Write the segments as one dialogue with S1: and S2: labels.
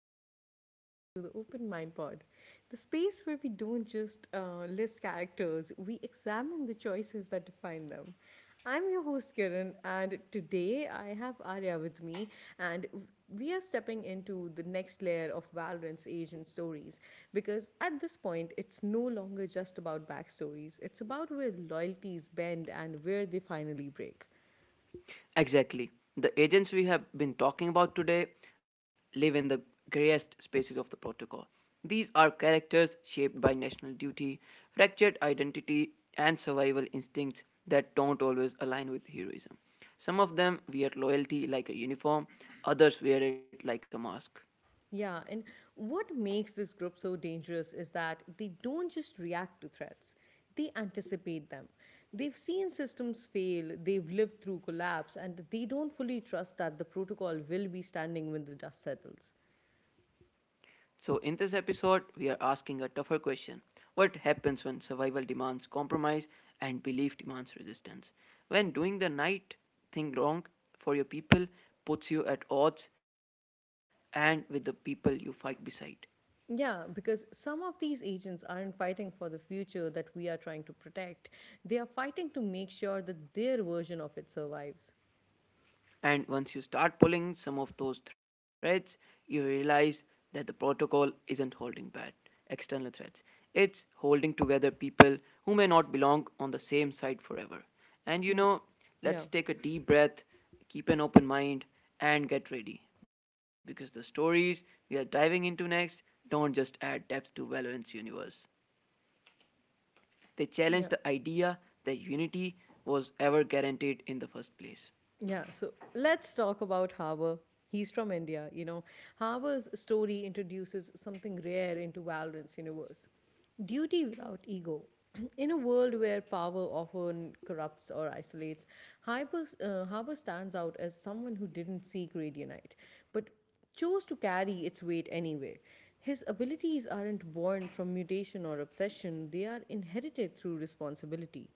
S1: and welcome back to the Open Mind Pod, the space where we don't just list characters, we examine the choices that define them. I'm your host Kiran, and today I have Arya with me, and we are stepping into the next layer of Valorant's agent stories because at this point it's no longer just about backstories, it's about where loyalties bend and where they finally break.
S2: Exactly. The agents we have been talking about today live in the grayest spaces of the protocol. These are characters shaped by national duty, fractured identity, and survival instincts that don't always align with heroism. Some of them wear loyalty like a uniform, others wear it like a mask.
S1: Yeah, and what makes this group so dangerous is that they don't just react to threats, they anticipate them. They've seen systems fail, they've lived through collapse, and they don't fully trust that the protocol will be standing when the dust settles.
S2: So, in this episode, we are asking a tougher question: what happens when survival demands compromise and belief demands resistance? When doing the right thing wrong for your people puts you at odds and with the people you fight beside.
S1: Yeah, because some of these agents aren't fighting for the future that we are trying to protect, they are fighting to make sure that their version of it survives.
S2: And once you start pulling some of those threads, you realize that the protocol isn't holding bad external threats. It's holding together people who may not belong on the same side forever. And
S1: Mm, yeah,
S2: let's take a deep breath, keep an open mind, and get ready because the stories we are diving into next don't just add depth to Valorant's universe. They challenge
S1: yeah.
S2: the idea that unity was ever guaranteed in the first place.
S1: Yeah, so let's talk about Harbour. He's from India, you know. Harbour's story introduces something rare into Valorant's universe, duty without ego. In a world where power often corrupts or isolates, Harbour stands out as someone who didn't seek Radianite, but chose to carry its weight anyway. His abilities aren't born from mutation or obsession, they are inherited through responsibility.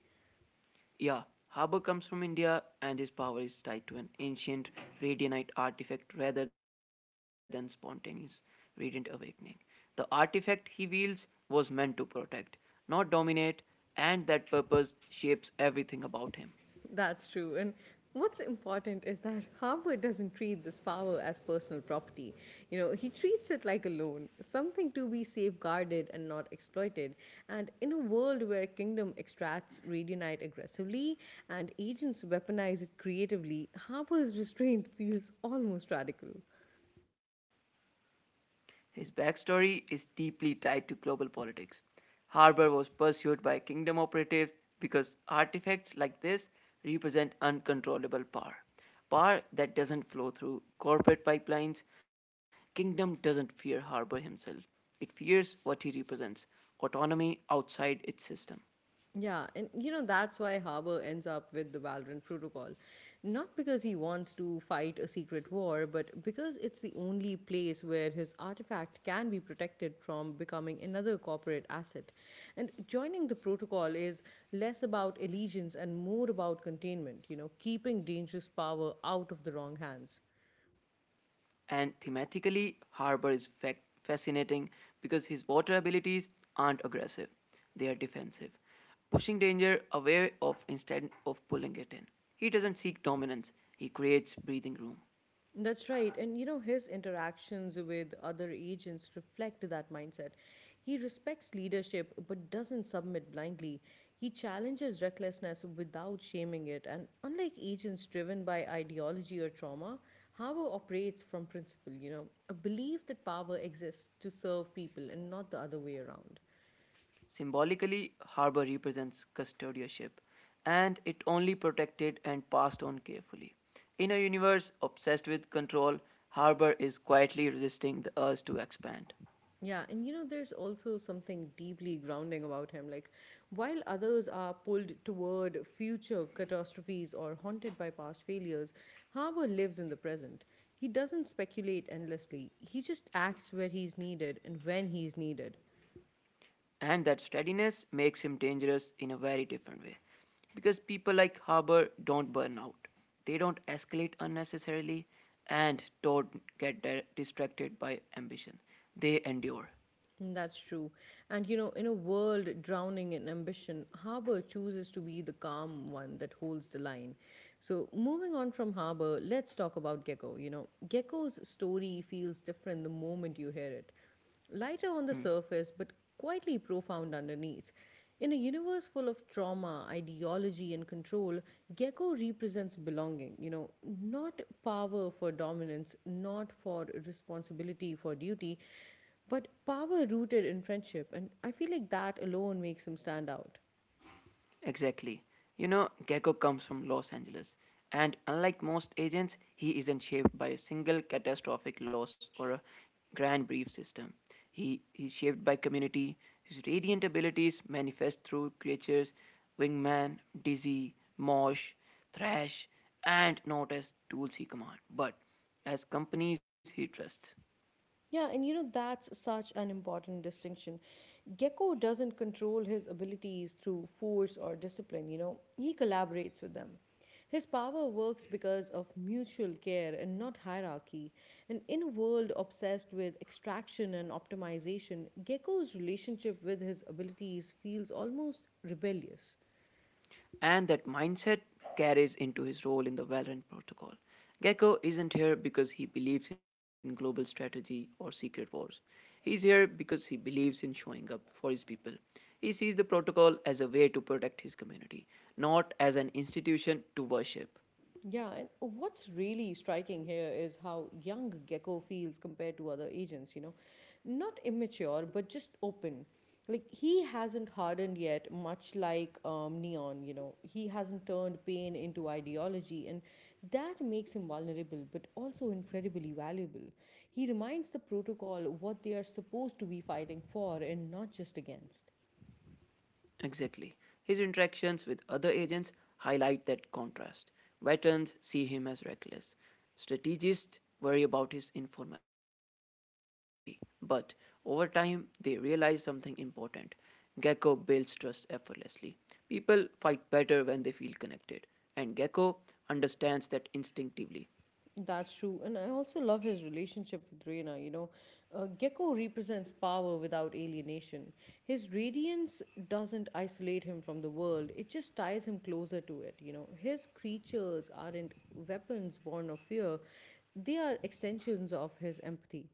S2: Yeah, Haber comes from India, and his power is tied to an ancient radianite artifact rather than spontaneous radiant awakening. The artifact he wields was meant to protect, not dominate, and that purpose shapes everything about him.
S1: That's true. And what's important is that Harper doesn't treat this power as personal property. You know, he treats it like a loan, something to be safeguarded and not exploited. And in a world where Kingdom extracts radionite aggressively and agents weaponize it creatively, Harper's restraint feels almost radical.
S2: His backstory is deeply tied to global politics. Harbour was pursued by Kingdom operatives because artifacts like this represent uncontrollable power. Power that doesn't flow through corporate pipelines. Kingdom doesn't fear Harbour himself. It fears what he represents: autonomy outside its system.
S1: Yeah, and you know that's why Harbour ends up with the Valorant Protocol. Not because he wants to fight a secret war, but because it's the only place where his artifact can be protected from becoming another corporate asset. And joining the protocol is less about allegiance and more about containment, you know, keeping dangerous power out of the wrong hands.
S2: And thematically, Harbour is fascinating because his water abilities aren't aggressive, they are defensive, pushing danger away of instead of pulling it in. He doesn't seek dominance, he creates breathing room.
S1: That's right. And you know, his interactions with other agents reflect that mindset. He respects leadership but doesn't submit blindly. He challenges recklessness without shaming it. And unlike agents driven by ideology or trauma, Harbour operates from principle, you know, a belief that power exists to serve people and not the other way around.
S2: Symbolically, Harbour represents custodianship, and it only protected and passed on carefully. In a universe obsessed with control, Harbour is quietly resisting the urge to expand.
S1: Yeah, and you know, there's also something deeply grounding about him. Like, while others are pulled toward future catastrophes or haunted by past failures, Harbour lives in the present. He doesn't speculate endlessly, he just acts where he's needed and when he's needed.
S2: And that steadiness makes him dangerous in a very different way. Because people like Haber do don't burn out, they don't escalate unnecessarily, and don't get distracted by ambition. They endure.
S1: That's true. And you know, in a world drowning in ambition, Harbour chooses to be the calm one that holds the line. So, moving on from Harbour, let's talk about Gecko. You know, Gecko's story feels different the moment you hear it. Lighter on the
S2: Hmm.
S1: surface, but quietly profound underneath. In a universe full of trauma, ideology, and control, Gecko represents belonging, you know, not power for dominance, not for responsibility for duty, but power rooted in friendship, and I feel like that alone makes him stand out.
S2: Exactly. You know, Gecko comes from Los Angeles, and unlike most agents, he isn't shaped by a single catastrophic loss or a grand brief system. He's shaped by community. His radiant abilities manifest through creatures: Wingman, Dizzy, Mosh, Thrash, and Note, as tools he commands, but as companies he trusts.
S1: Yeah, and you know, that's such an important distinction. Gecko doesn't control his abilities through force or discipline, you know, he collaborates with them. His power works because of mutual care and not hierarchy, and in a world obsessed with extraction and optimization, Gecko's relationship with his abilities feels almost rebellious.
S2: And that mindset carries into his role in the Valorant protocol. Gecko isn't here because he believes in global strategy or secret wars. He's here because he believes in showing up for his people. He sees the protocol as a way to protect his community, not as an institution to worship.
S1: Yeah, and what's really striking here is how young Gecko feels compared to other agents, you know. Not immature, but just open. Like, he hasn't hardened yet, much like Neon, you know. He hasn't turned pain into ideology, and that makes him vulnerable, but also incredibly valuable. He reminds the protocol what they are supposed to be fighting for and not just against.
S2: Exactly. His interactions with other agents highlight that contrast. Veterans see him as reckless. Strategists worry about his informality. But over time, they realize something important. Gecko builds trust effortlessly. People fight better when they feel connected. And Gecko understands that instinctively.
S1: That's true. And I also love his relationship with Reyna, you know. Gecko represents power without alienation. His radiance doesn't isolate him from the world, it just ties him closer to it, you know. His creatures aren't weapons born of fear, they are extensions of his empathy.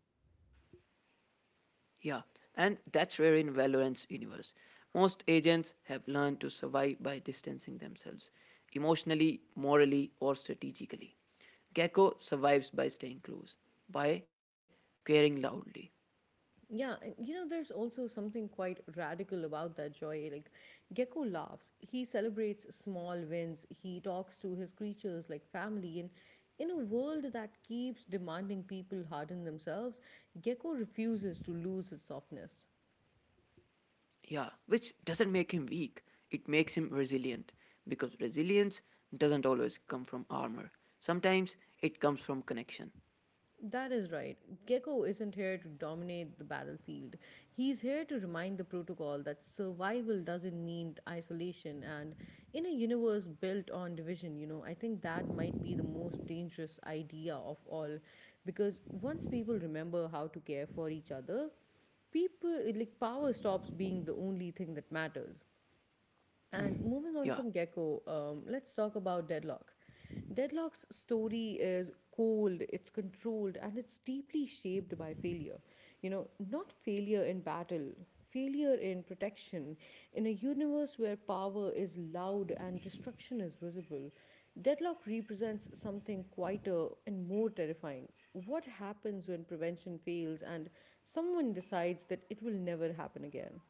S2: Yeah, and that's rare in Valorant's universe. Most agents have learned to survive by distancing themselves, emotionally, morally, or strategically. Gecko survives by staying close, by caring loudly.
S1: Yeah, and you know, there's also something quite radical about that joy. Like, Gecko laughs, he celebrates small wins, he talks to his creatures like family, and in a world that keeps demanding people harden themselves, Gecko refuses to lose his softness.
S2: Yeah, which doesn't make him weak, it makes him resilient, because resilience doesn't always come from armor. Sometimes it comes from connection.
S1: That is right. Gecko isn't here to dominate the battlefield. He's here to remind the protocol that survival doesn't mean isolation. And in a universe built on division, you know, I think that might be the most dangerous idea of all. Because once people remember how to care for each other, people, like, power stops being the only thing that matters.
S2: Mm.
S1: And moving
S2: Yeah.
S1: on from Gecko, let's talk about Deadlock. Deadlock's story is cold, it's controlled, and it's deeply shaped by failure. You know, not failure in battle, failure in protection. In a universe where power is loud and destruction is visible, Deadlock represents something quieter and more terrifying. What happens when prevention fails and someone decides that it will never happen again?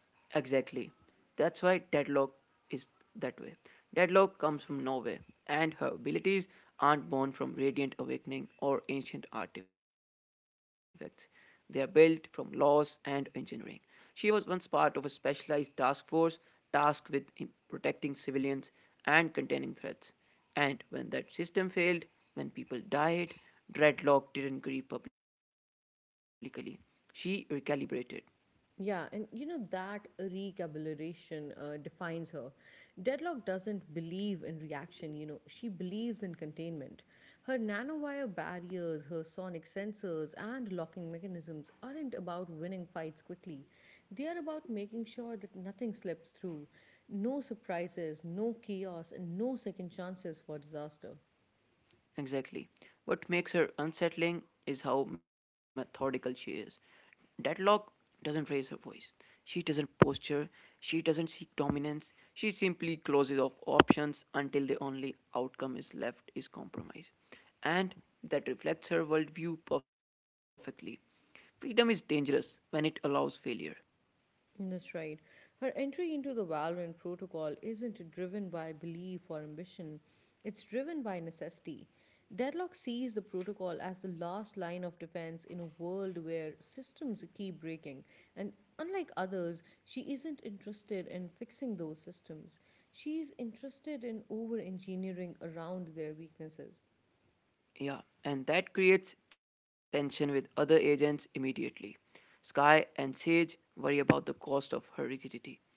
S2: Exactly. That's why Deadlock is that way. Deadlock comes from nowhere, and her abilities aren't born from Radiant Awakening or ancient artifacts. They are built from laws and engineering. She was once part of a specialized task force tasked with protecting civilians and containing threats. And when that system failed, when people died, Dreadlock didn't grieve publicly. She recalibrated.
S1: Yeah, and you know that recalibration defines her. Deadlock doesn't believe in reaction, you know, she believes in containment. Her nanowire barriers, her sonic sensors, and locking mechanisms aren't about winning fights quickly. They are about making sure that nothing slips through. No surprises, no chaos, and no second chances for disaster.
S2: Exactly. What makes her unsettling is how methodical she is. Deadlock doesn't raise her voice. She doesn't posture. She doesn't seek dominance. She simply closes off options until the only outcome is left is compromise. And that reflects her worldview perfectly. Freedom is dangerous when it allows failure.
S1: That's right. Her entry into the Valorant protocol isn't driven by belief or ambition, it's driven by necessity. Deadlock sees the protocol as the last line of defense in a world where systems keep breaking, and unlike others, she isn't interested in fixing those systems. She's interested in over engineering around their weaknesses.
S2: Yeah, and that creates tension with other agents immediately. Sky and Sage worry about the cost of her rigidity.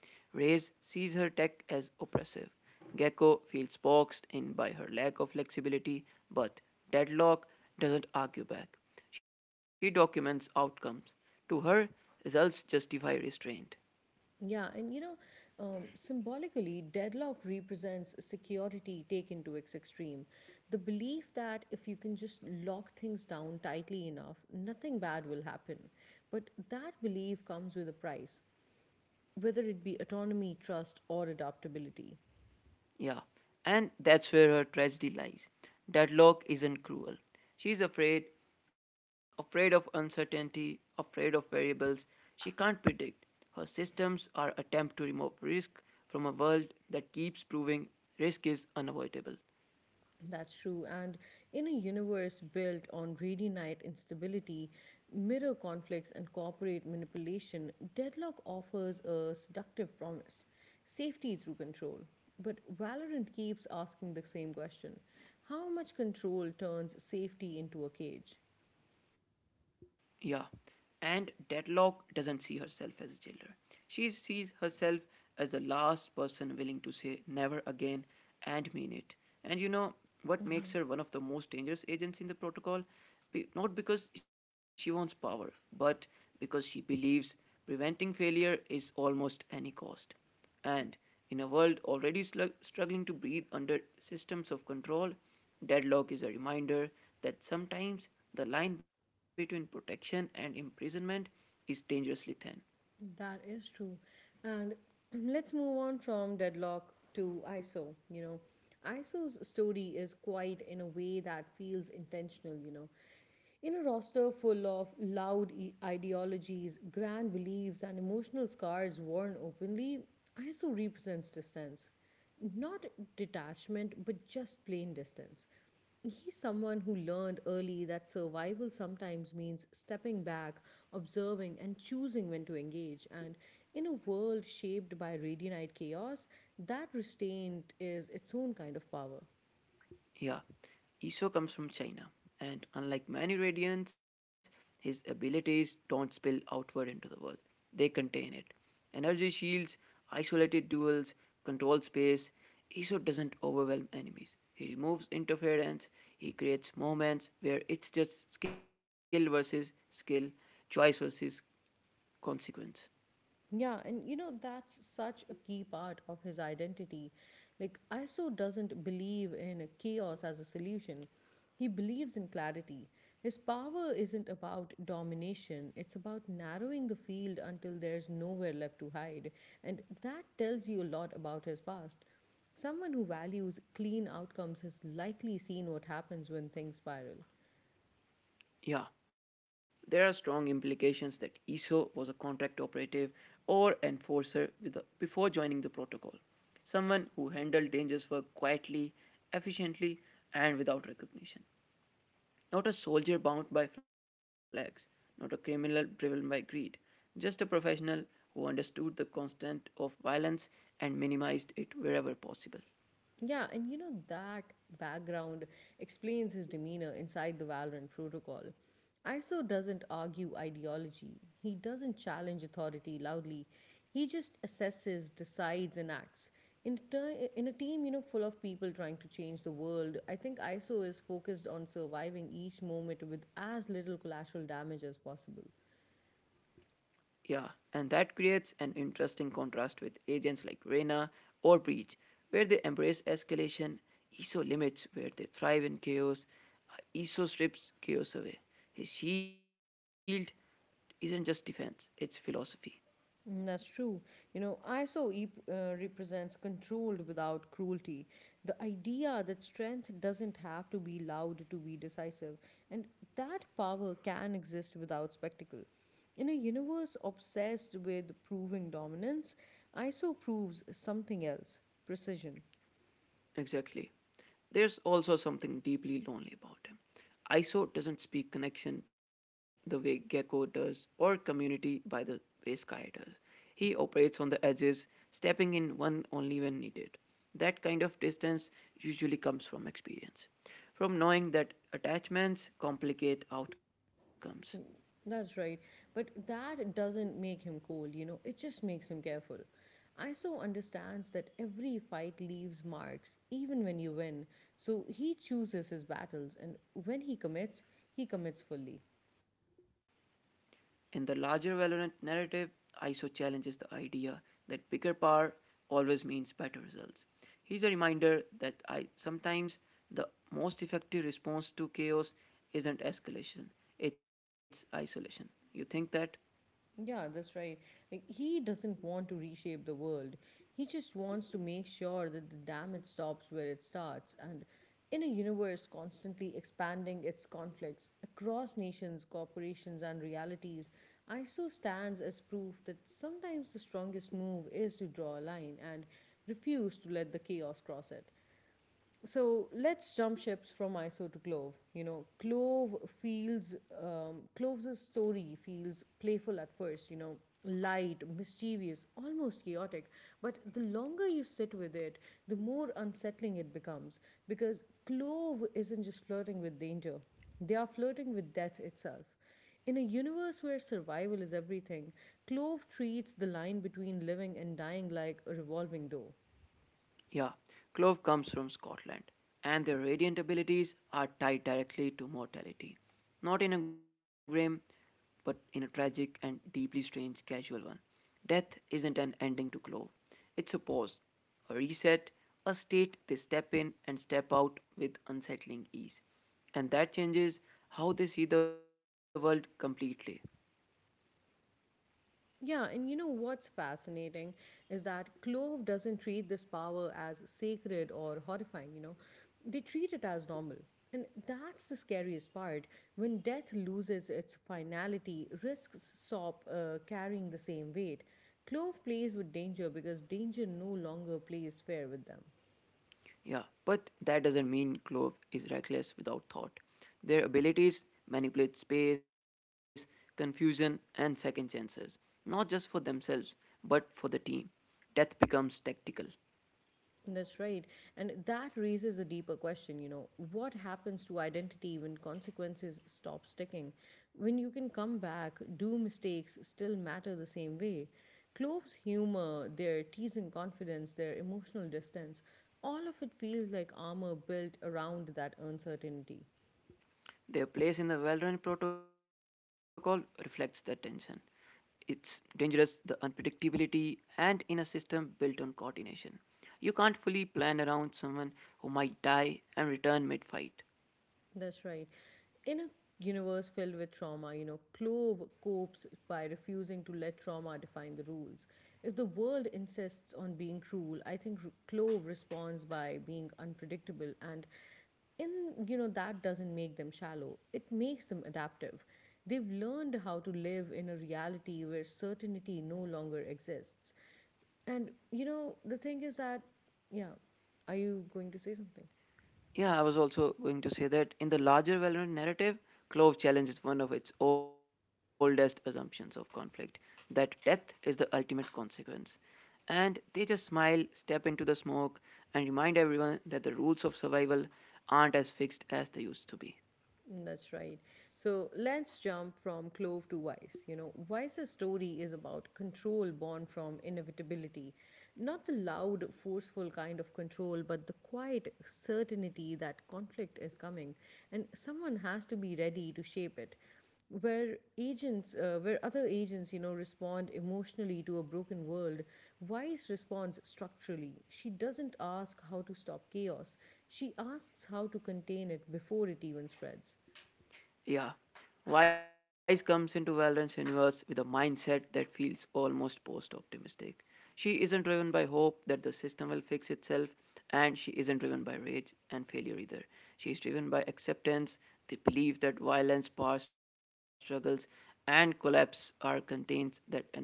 S2: Reyes sees her tech as oppressive. Gecko feels boxed in by her lack of flexibility, but Deadlock doesn't argue back. She documents outcomes. To her, results justify restraint.
S1: Yeah, and you know, symbolically, Deadlock represents security taken to its extreme. The belief that if you can just lock things down tightly enough, nothing bad will happen. But that belief comes with a price, whether it be autonomy, trust, or adaptability.
S2: Yeah, and that's where her tragedy lies. Deadlock isn't cruel. She's afraid, afraid of uncertainty, afraid of variables she can't predict. Her systems are attempt to remove risk from a world that keeps proving risk is unavoidable.
S1: That's true. And in a universe built on radionite instability, mirror conflicts, and corporate manipulation, Deadlock offers a seductive promise, safety through control. But Valorant keeps asking the same question, how much control turns safety into a cage?
S2: Yeah. And Deadlock doesn't see herself as a jailer. She sees herself as the last person willing to say never again and mean it. And you know what makes her one of the most dangerous agents in the protocol? Not because she wants power, but because she believes preventing failure is almost any cost. And in a world already struggling to breathe under systems of control, Deadlock is a reminder that sometimes the line between protection and imprisonment is dangerously thin.
S1: That is true. And let's move on from Deadlock to Iso. You know, Iso's story is quite in a way that feels intentional, you know. In a roster full of loud ideologies, grand beliefs, and emotional scars worn openly, Iso represents distance. Not detachment, but just plain distance. He's someone who learned early that survival sometimes means stepping back, observing, and choosing when to engage. And in a world shaped by radionite chaos, that restraint is its own kind of power.
S2: Yeah, Iso comes from China, and unlike many radiants, his abilities don't spill outward into the world. They contain it. Energy shields, isolated duels, control space. Iso doesn't overwhelm enemies. He removes interference. He creates moments where it's just skill versus skill, choice versus consequence.
S1: Yeah, and you know, that's such a key part of his identity. Like, Iso doesn't believe in chaos as a solution, he believes in clarity. His power isn't about domination, it's about narrowing the field until there's nowhere left to hide. And that tells you a lot about his past. Someone who values clean outcomes has likely seen what happens when things spiral.
S2: Yeah, there are strong implications that ESO was a contract operative or enforcer before joining the protocol. Someone who handled dangerous work quietly, efficiently, and without recognition. Not a soldier bound by flags, not a criminal driven by greed, just a professional who understood the constant of violence and minimized it wherever possible.
S1: Yeah, and you know that background explains his demeanor inside the Valorant protocol. Iso doesn't argue ideology. He doesn't challenge authority loudly. He just assesses, decides, and acts. In a team, you know, full of people trying to change the world, I think Iso is focused on surviving each moment with as little collateral damage as possible.
S2: Yeah, and that creates an interesting contrast with agents like Reyna or Breach. Where they embrace escalation, Iso limits; where they thrive in chaos, ESO strips chaos away. His shield isn't just defense, it's philosophy.
S1: Mm, that's true. You know, Iso represents controlled without cruelty. The idea that strength doesn't have to be loud to be decisive, and that power can exist without spectacle. In a universe obsessed with proving dominance, Iso proves something else, precision.
S2: Exactly. There's also something deeply lonely about him. ISO doesn't speak connection the way Gecko does, or community by the way Sky does. He operates on the edges, stepping in one only when needed. That kind of distance usually comes from experience, from knowing that attachments complicate outcomes.
S1: That's right. But that doesn't make him cold, you know, it just makes him careful. Iso understands that every fight leaves marks, even when you win. So he chooses his battles, and when he commits fully.
S2: In the larger Valorant narrative, ISO challenges the idea that bigger power always means better results. Here's a reminder that I sometimes the most effective response to chaos isn't escalation, it's isolation. You think that?
S1: Yeah, that's right. Like, he doesn't want to reshape the world. He just wants to make sure that the damage stops where it starts. And in a universe constantly expanding its conflicts across nations, corporations, and realities, Iso stands as proof that sometimes the strongest move is to draw a line and refuse to let the chaos cross it. So let's jump ships from Iso to Clove. You know, Clove's story feels playful at first. You know, light, mischievous, almost chaotic. But the longer you sit with it, the more unsettling it becomes because Clove isn't just flirting with danger; they are flirting with death itself. In a universe where survival is everything, Clove treats the line between living and dying like a revolving door.
S2: Yeah, Clove comes from Scotland, and their radiant abilities are tied directly to mortality. Not in a grim, but in a tragic and deeply strange casual one. Death isn't an ending to Clove, it's a pause, a reset, a state they step in and step out with unsettling ease. And that changes how they see the world completely.
S1: Yeah, and you know what's fascinating is that Clove doesn't treat this power as sacred or horrifying, you know. They treat it as normal. And that's the scariest part. When death loses its finality, risks stop carrying the same weight. Clove plays with danger because danger no longer plays fair with them.
S2: Yeah, but that doesn't mean Clove is reckless without thought. Their abilities manipulate space, confusion, and second chances, not just for themselves, but for the team. Death becomes tactical.
S1: That's right. And that raises a deeper question, you know, what happens to identity when consequences stop sticking? When you can come back, do mistakes still matter the same way? Clove's humor, their teasing confidence, their emotional distance, all of it feels like armor built around that uncertainty.
S2: Their place in the Valorant protocol reflects that tension. It's dangerous, the unpredictability, and in a system built on coordination. You can't fully plan around someone who might die and return mid fight.
S1: That's right. In a universe filled with trauma, you know, Clove copes by refusing to let trauma define the rules. If the world insists on being cruel, I think Clove responds by being unpredictable and in that doesn't make them shallow. It makes them adaptive. They've learned how to live in a reality where certainty no longer exists. And you know, the thing is that yeah, are you going to say something?
S2: Yeah, I was also going to say that in the larger Valorant narrative, Clove challenges one of its oldest assumptions of conflict, that death is the ultimate consequence. And they just smile, step into the smoke, and remind everyone that the rules of survival aren't as fixed as they used to be.
S1: That's right. So let's jump from Clove to Vice. You know, Vice's story is about control born from inevitability. Not the loud, forceful kind of control, but the quiet certainty that conflict is coming and someone has to be ready to shape it, where agents where other agents, you know, respond emotionally to a broken world. Wise responds structurally. She doesn't ask how to stop chaos, she asks how to contain it before it even spreads.
S2: Yeah. Wise comes into Valorant's universe with a mindset that feels almost post optimistic. She isn't driven by hope that the system will fix itself, and she isn't driven by rage and failure either. She is driven by acceptance, the belief that violence, power struggles, and collapse are contains that anomalies.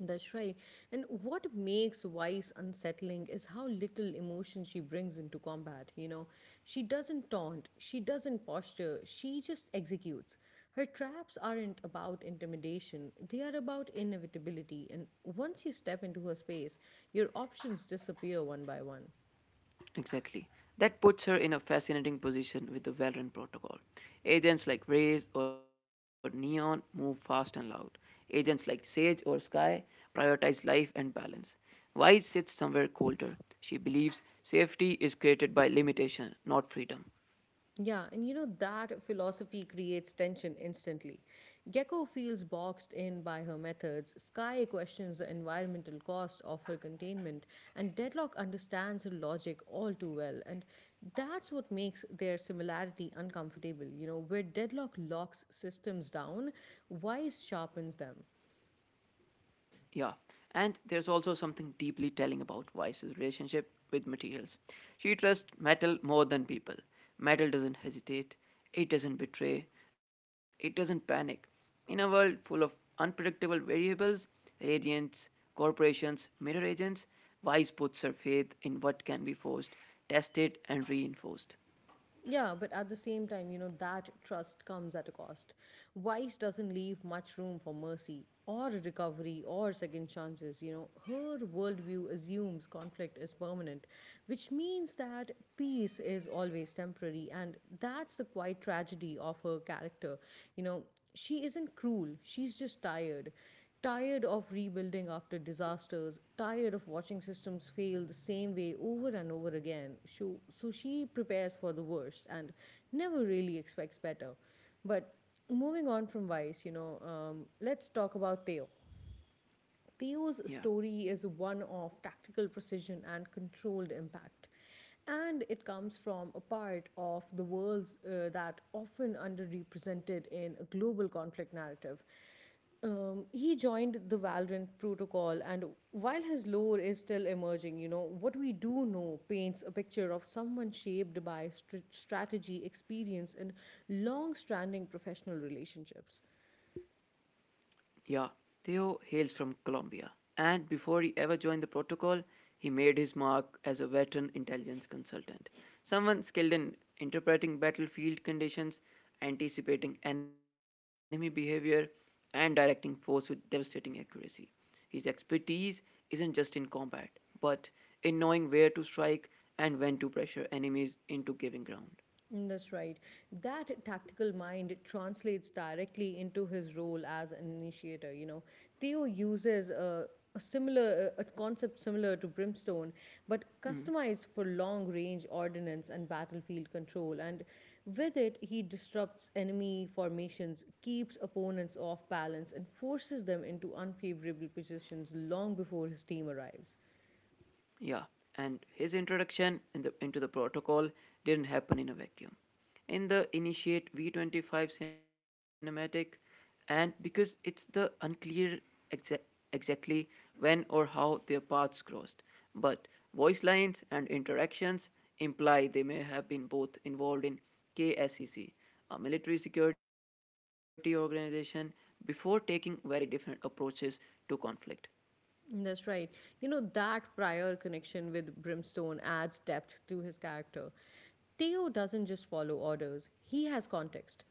S1: That's right. And what makes Weiss unsettling is how little emotion she brings into combat, you know. She doesn't taunt, she doesn't posture, she just executes. Her traps aren't about intimidation, they are about inevitability. And once you step into her space, your options disappear one by one.
S2: Exactly. That puts her in a fascinating position with the Valorant protocol. Agents like Raze or Neon move fast and loud. Agents like Sage or Sky prioritize life and balance. Wise sits somewhere colder. She believes safety is created by limitation, not freedom.
S1: Yeah, and you know that philosophy creates tension instantly. Gecko feels boxed in by her methods, Sky questions the environmental cost of her containment, and Deadlock understands her logic all too well. And that's what makes their similarity uncomfortable. You know, where Deadlock locks systems down, Wise sharpens them.
S2: Yeah. And there's also something deeply telling about Vice's relationship with materials. She trusts metal more than people. Metal doesn't hesitate, it doesn't betray, it doesn't panic. In a world full of unpredictable variables, agents, corporations, mirror agents, Vice puts her faith in what can be forced, tested, and reinforced.
S1: Yeah, but at the same time, you know, that trust comes at a cost. Vice doesn't leave much room for mercy or recovery or second chances. You know, her worldview assumes conflict is permanent, which means that peace is always temporary. And that's the quiet tragedy of her character. You know, she isn't cruel, she's just tired, tired of rebuilding after disasters, tired of watching systems fail the same way over and over again. So she prepares for the worst and never really expects better. But moving on from Vice, you know, let's talk about Theo.
S2: Yeah.
S1: Theo's story is one of tactical precision and controlled impact. And it comes from a part of the world that often underrepresented in a global conflict narrative. He joined the Valorant protocol, and while his lore is still emerging, you know, what we do know paints a picture of someone shaped by strategy, experience, and long standing professional relationships.
S2: Yeah, Theo hails from Colombia, and before he ever joined the protocol, he made his mark as a veteran intelligence consultant, someone skilled in interpreting battlefield conditions, anticipating enemy behavior, and directing force with devastating accuracy. His expertise isn't just in combat, but in knowing where to strike and when to pressure enemies into giving ground.
S1: Mm, that's right. That tactical mind translates directly into his role as an initiator. You know, Theo uses a similar a concept similar to brimstone, but customized for long range ordnance and battlefield control. And with it, he disrupts enemy formations, keeps opponents off balance, and forces them into unfavorable positions long before his team arrives.
S2: Yeah, and his introduction into the protocol didn't happen in a vacuum. In the Initiate V25 cinematic, and because it's the unclear exa- exactly when or how their paths crossed, but voice lines and interactions imply they may have been both involved in KSEC, a military security organization, before taking very different approaches to conflict.
S1: That's right. You know, that prior connection with Brimstone adds depth to his character. Theo doesn't just follow orders, he has context,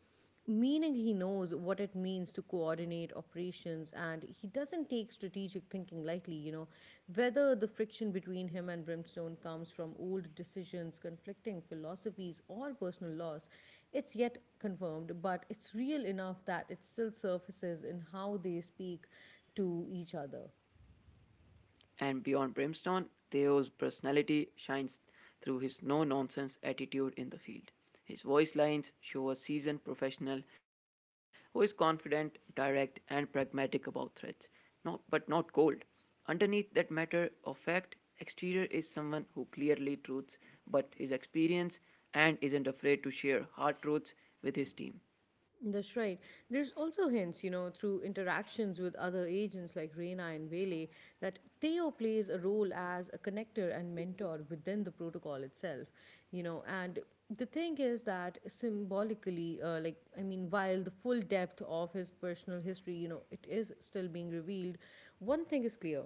S1: meaning he knows what it means to coordinate operations, and he doesn't take strategic thinking lightly. You know, whether the friction between him and Brimstone comes from old decisions, conflicting philosophies, or personal loss, it's yet confirmed, but it's real enough that it still surfaces in how they speak to each other.
S2: And beyond Brimstone, Theo's personality shines through his no nonsense attitude in the field. His voice lines show a seasoned professional who is confident, direct, and pragmatic about threats, not, but not cold. Underneath that matter of fact exterior is someone who clearly truths but his experience and isn't afraid to share hard truths with his team.
S1: That's right. There's also hints, you know, through interactions with other agents like Reina and Vele, that Theo plays a role as a connector and mentor within the protocol itself, you know. And the thing is that symbolically, like, I mean, while the full depth of his personal history, you know, it is still being revealed, one thing is clear: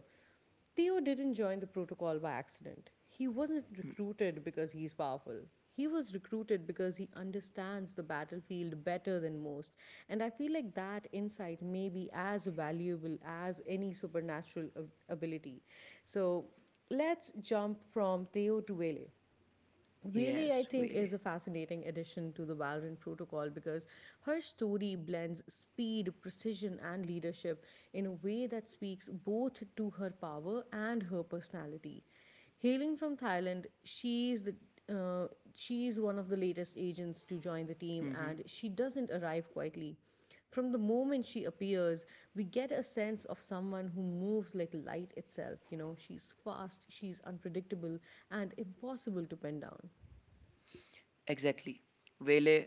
S1: Theo didn't join the protocol by accident. He wasn't recruited because he's powerful. He was recruited because he understands the battlefield better than most. And I feel like that insight may be as valuable as any supernatural ability. So let's jump from Theo to Vele. Really, I
S2: Yes,
S1: think, is
S2: Vele.
S1: a fascinating addition to the Valorant protocol because her story blends speed, precision, and leadership in a way that speaks both to her power and her personality. Hailing from Thailand, she is the uh, she is one of the latest agents to join the team,
S2: Mm-hmm.
S1: and she doesn't arrive quietly. From the moment she appears, we get a sense of someone who moves like light itself. You know, she's fast, she's unpredictable, and impossible to pin down.
S2: Exactly. Vele,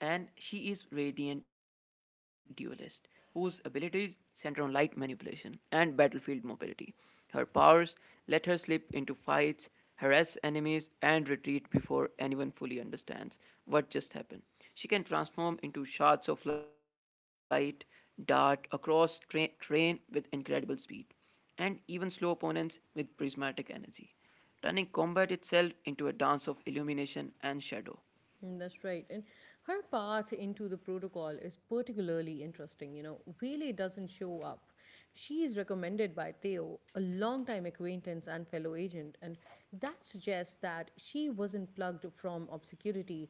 S2: and she is radiant duelist, whose abilities center on light manipulation and battlefield mobility. Her powers let her slip into fights, harass enemies, and retreat before anyone fully understands what just happened. She can transform into shards of light, dart across terrain with incredible speed, and even slow opponents with prismatic energy, turning combat itself into a dance of illumination and shadow.
S1: Mm, that's right. And her path into the protocol is particularly interesting. You know, Wele doesn't show up. She is recommended by Theo, a longtime acquaintance and fellow agent, and that suggests that she wasn't plugged from obscurity.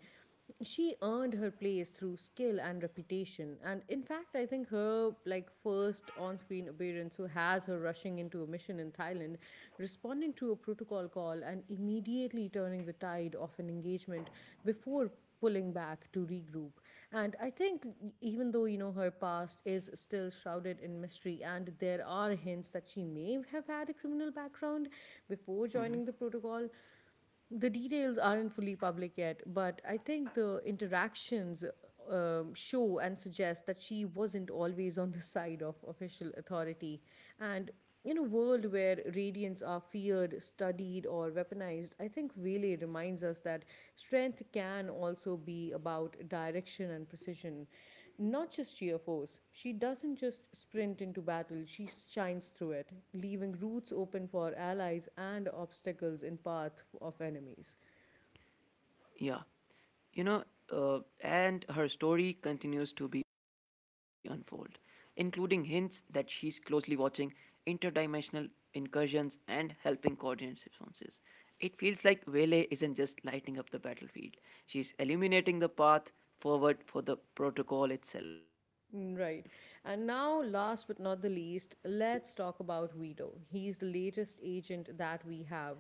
S1: She earned her place through skill and reputation, and in fact I think her like first on-screen appearance who has her rushing into a mission in Thailand, responding to a protocol call and immediately turning the tide of an engagement before pulling back to regroup. And I think, even though, you know, her past is still shrouded in mystery, and there are hints that she may have had a criminal background before joining the protocol, the details aren't fully public yet, but I think the interactions show and suggest that she wasn't always on the side of official authority. And in a world where radiants are feared, studied, or weaponized, I think Vele reminds us that strength can also be about direction and precision. Not just sheer force, she doesn't just sprint into battle, she shines through it, leaving routes open for allies and obstacles in path of enemies.
S2: Yeah. You know, and her story continues to be unfold, including hints that she's closely watching interdimensional incursions and helping coordinate responses. It feels like Vele isn't just lighting up the battlefield, she's illuminating the path forward for the protocol itself.
S1: Mm, right. And now, last but not the least, let's talk about Vito. He's the latest agent that we have.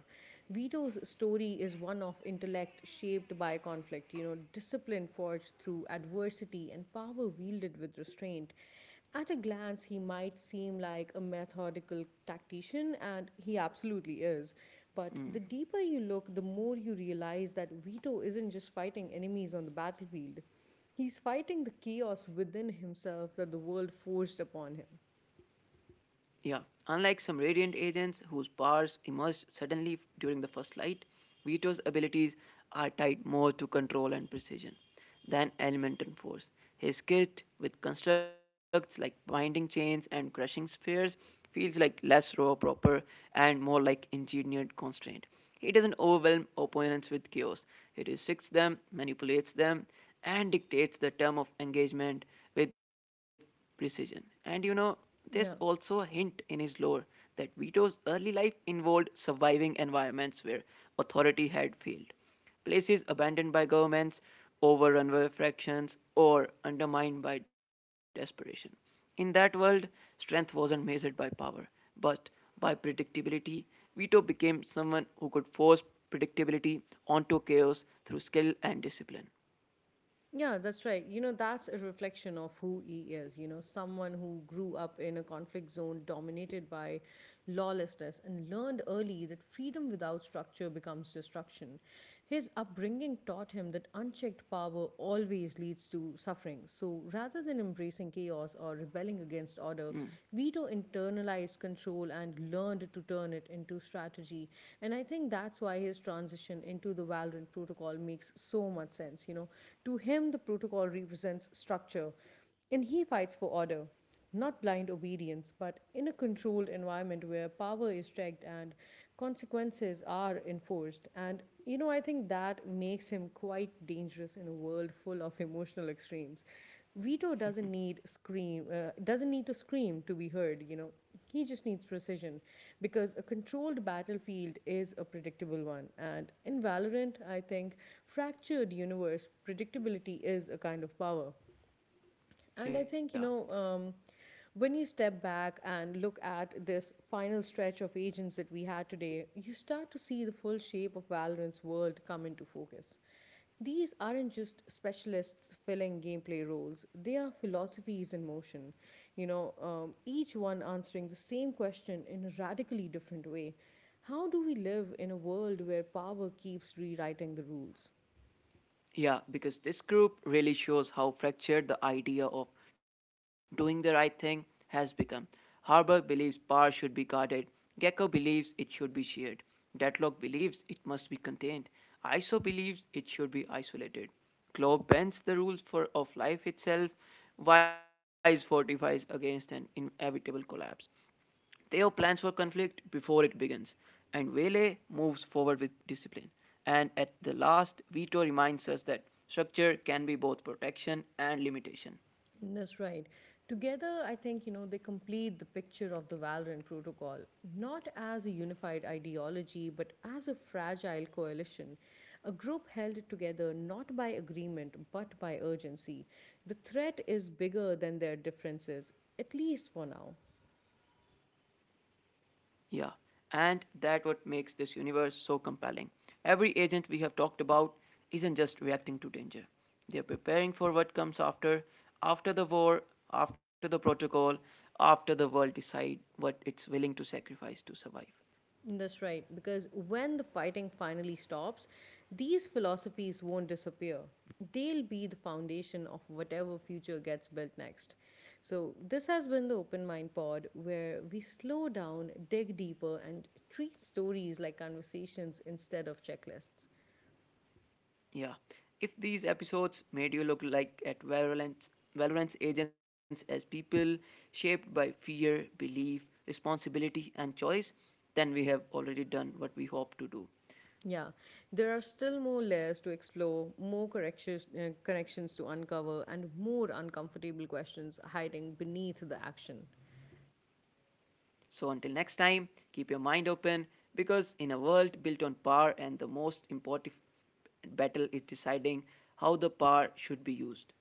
S1: Vito's story is one of intellect shaped by conflict, you know, discipline forged through adversity and power wielded with restraint. At a glance, he might seem like a methodical tactician, and he absolutely is. But the deeper you look, the more you realize that Vito isn't just fighting enemies on the battlefield. He's fighting the chaos within himself that the world forced upon him.
S2: Yeah, unlike some radiant agents whose powers emerge suddenly during the first light, Vito's abilities are tied more to control and precision than element and force. His kit, with constructs like binding chains and crushing spheres, feels like less raw proper and more like engineered constraint. He doesn't overwhelm opponents with chaos. He restricts them, manipulates them, and dictates the term of engagement with precision. And you know, there's also a
S1: Yeah.
S2: hint in his lore that Vito's early life involved surviving environments where authority had failed, places abandoned by governments, overrun by factions, or undermined by desperation. In that world, strength wasn't measured by power, but by predictability. Vito became someone who could force predictability onto chaos through skill and discipline.
S1: Yeah, that's right. You know, that's a reflection of who he is. You know, someone who grew up in a conflict zone dominated by lawlessness and learned early that freedom without structure becomes destruction. His upbringing taught him that unchecked power always leads to suffering. So rather than embracing chaos or rebelling against
S2: Mm,
S1: order, Vito to internalize control and learned to turn it into strategy. And I think that's why his transition into the Valorant protocol makes so much sense. You know, to him, the protocol represents structure, and he fights for order. Not blind obedience, but in a controlled environment where power is checked and consequences are enforced. And, you know, I think that makes him quite dangerous in a world full of emotional extremes. Vito doesn't need scream doesn't need to scream to be heard, you know. He just needs precision because a controlled battlefield is a predictable one. And in Valorant, I think fractured universe predictability is a kind of power. And
S2: yeah.
S1: I think, you know, when you step back and look at this final stretch of agents that we had today, you start to see the full shape of Valorant's world come into focus. These aren't just specialists filling gameplay roles, they are philosophies in motion, you know, each one answering the same question in a radically different way. How do we live in a world where power keeps rewriting the rules?
S2: Yeah, because this group really shows how fractured the idea of doing the right thing has become. Harbour believes power should be guarded. Gecko believes it should be shared. Deadlock believes it must be contained. ISO believes it should be isolated. Claw bends the rules for of life itself. Wise fortifies against an inevitable collapse. Theo plans for conflict before it begins, and Vele moves forward with discipline. And at the last, Vito reminds us that structure can be both protection and limitation.
S1: That's right. Together, I think, you know, they complete the picture of the Valorant Protocol, not as a unified ideology, but as a fragile coalition, a group held together not by agreement, but by urgency. The threat is bigger than their differences, at least for now.
S2: Yeah, and that what makes this universe so compelling. Every agent we have talked about isn't just reacting to danger. They are preparing for what comes after, after the war, after the protocol, after the world decides what it's willing to sacrifice to survive.
S1: That's right, because when the fighting finally stops, these philosophies won't disappear. They'll be the foundation of whatever future gets built next. So, this has been the Open Mind Pod, where we slow down, dig deeper, and treat stories like conversations instead of checklists.
S2: Yeah. If these episodes made you look like at Valorant, Valorant's agents as people shaped by fear, belief, responsibility, and choice, then we have already done what we hope to do.
S1: Yeah, there are still more layers to explore, more corrections, connections to uncover, and more uncomfortable questions hiding beneath the action.
S2: So until next time, keep your mind open because in a world built on power and the most important battle is deciding how the power should be used.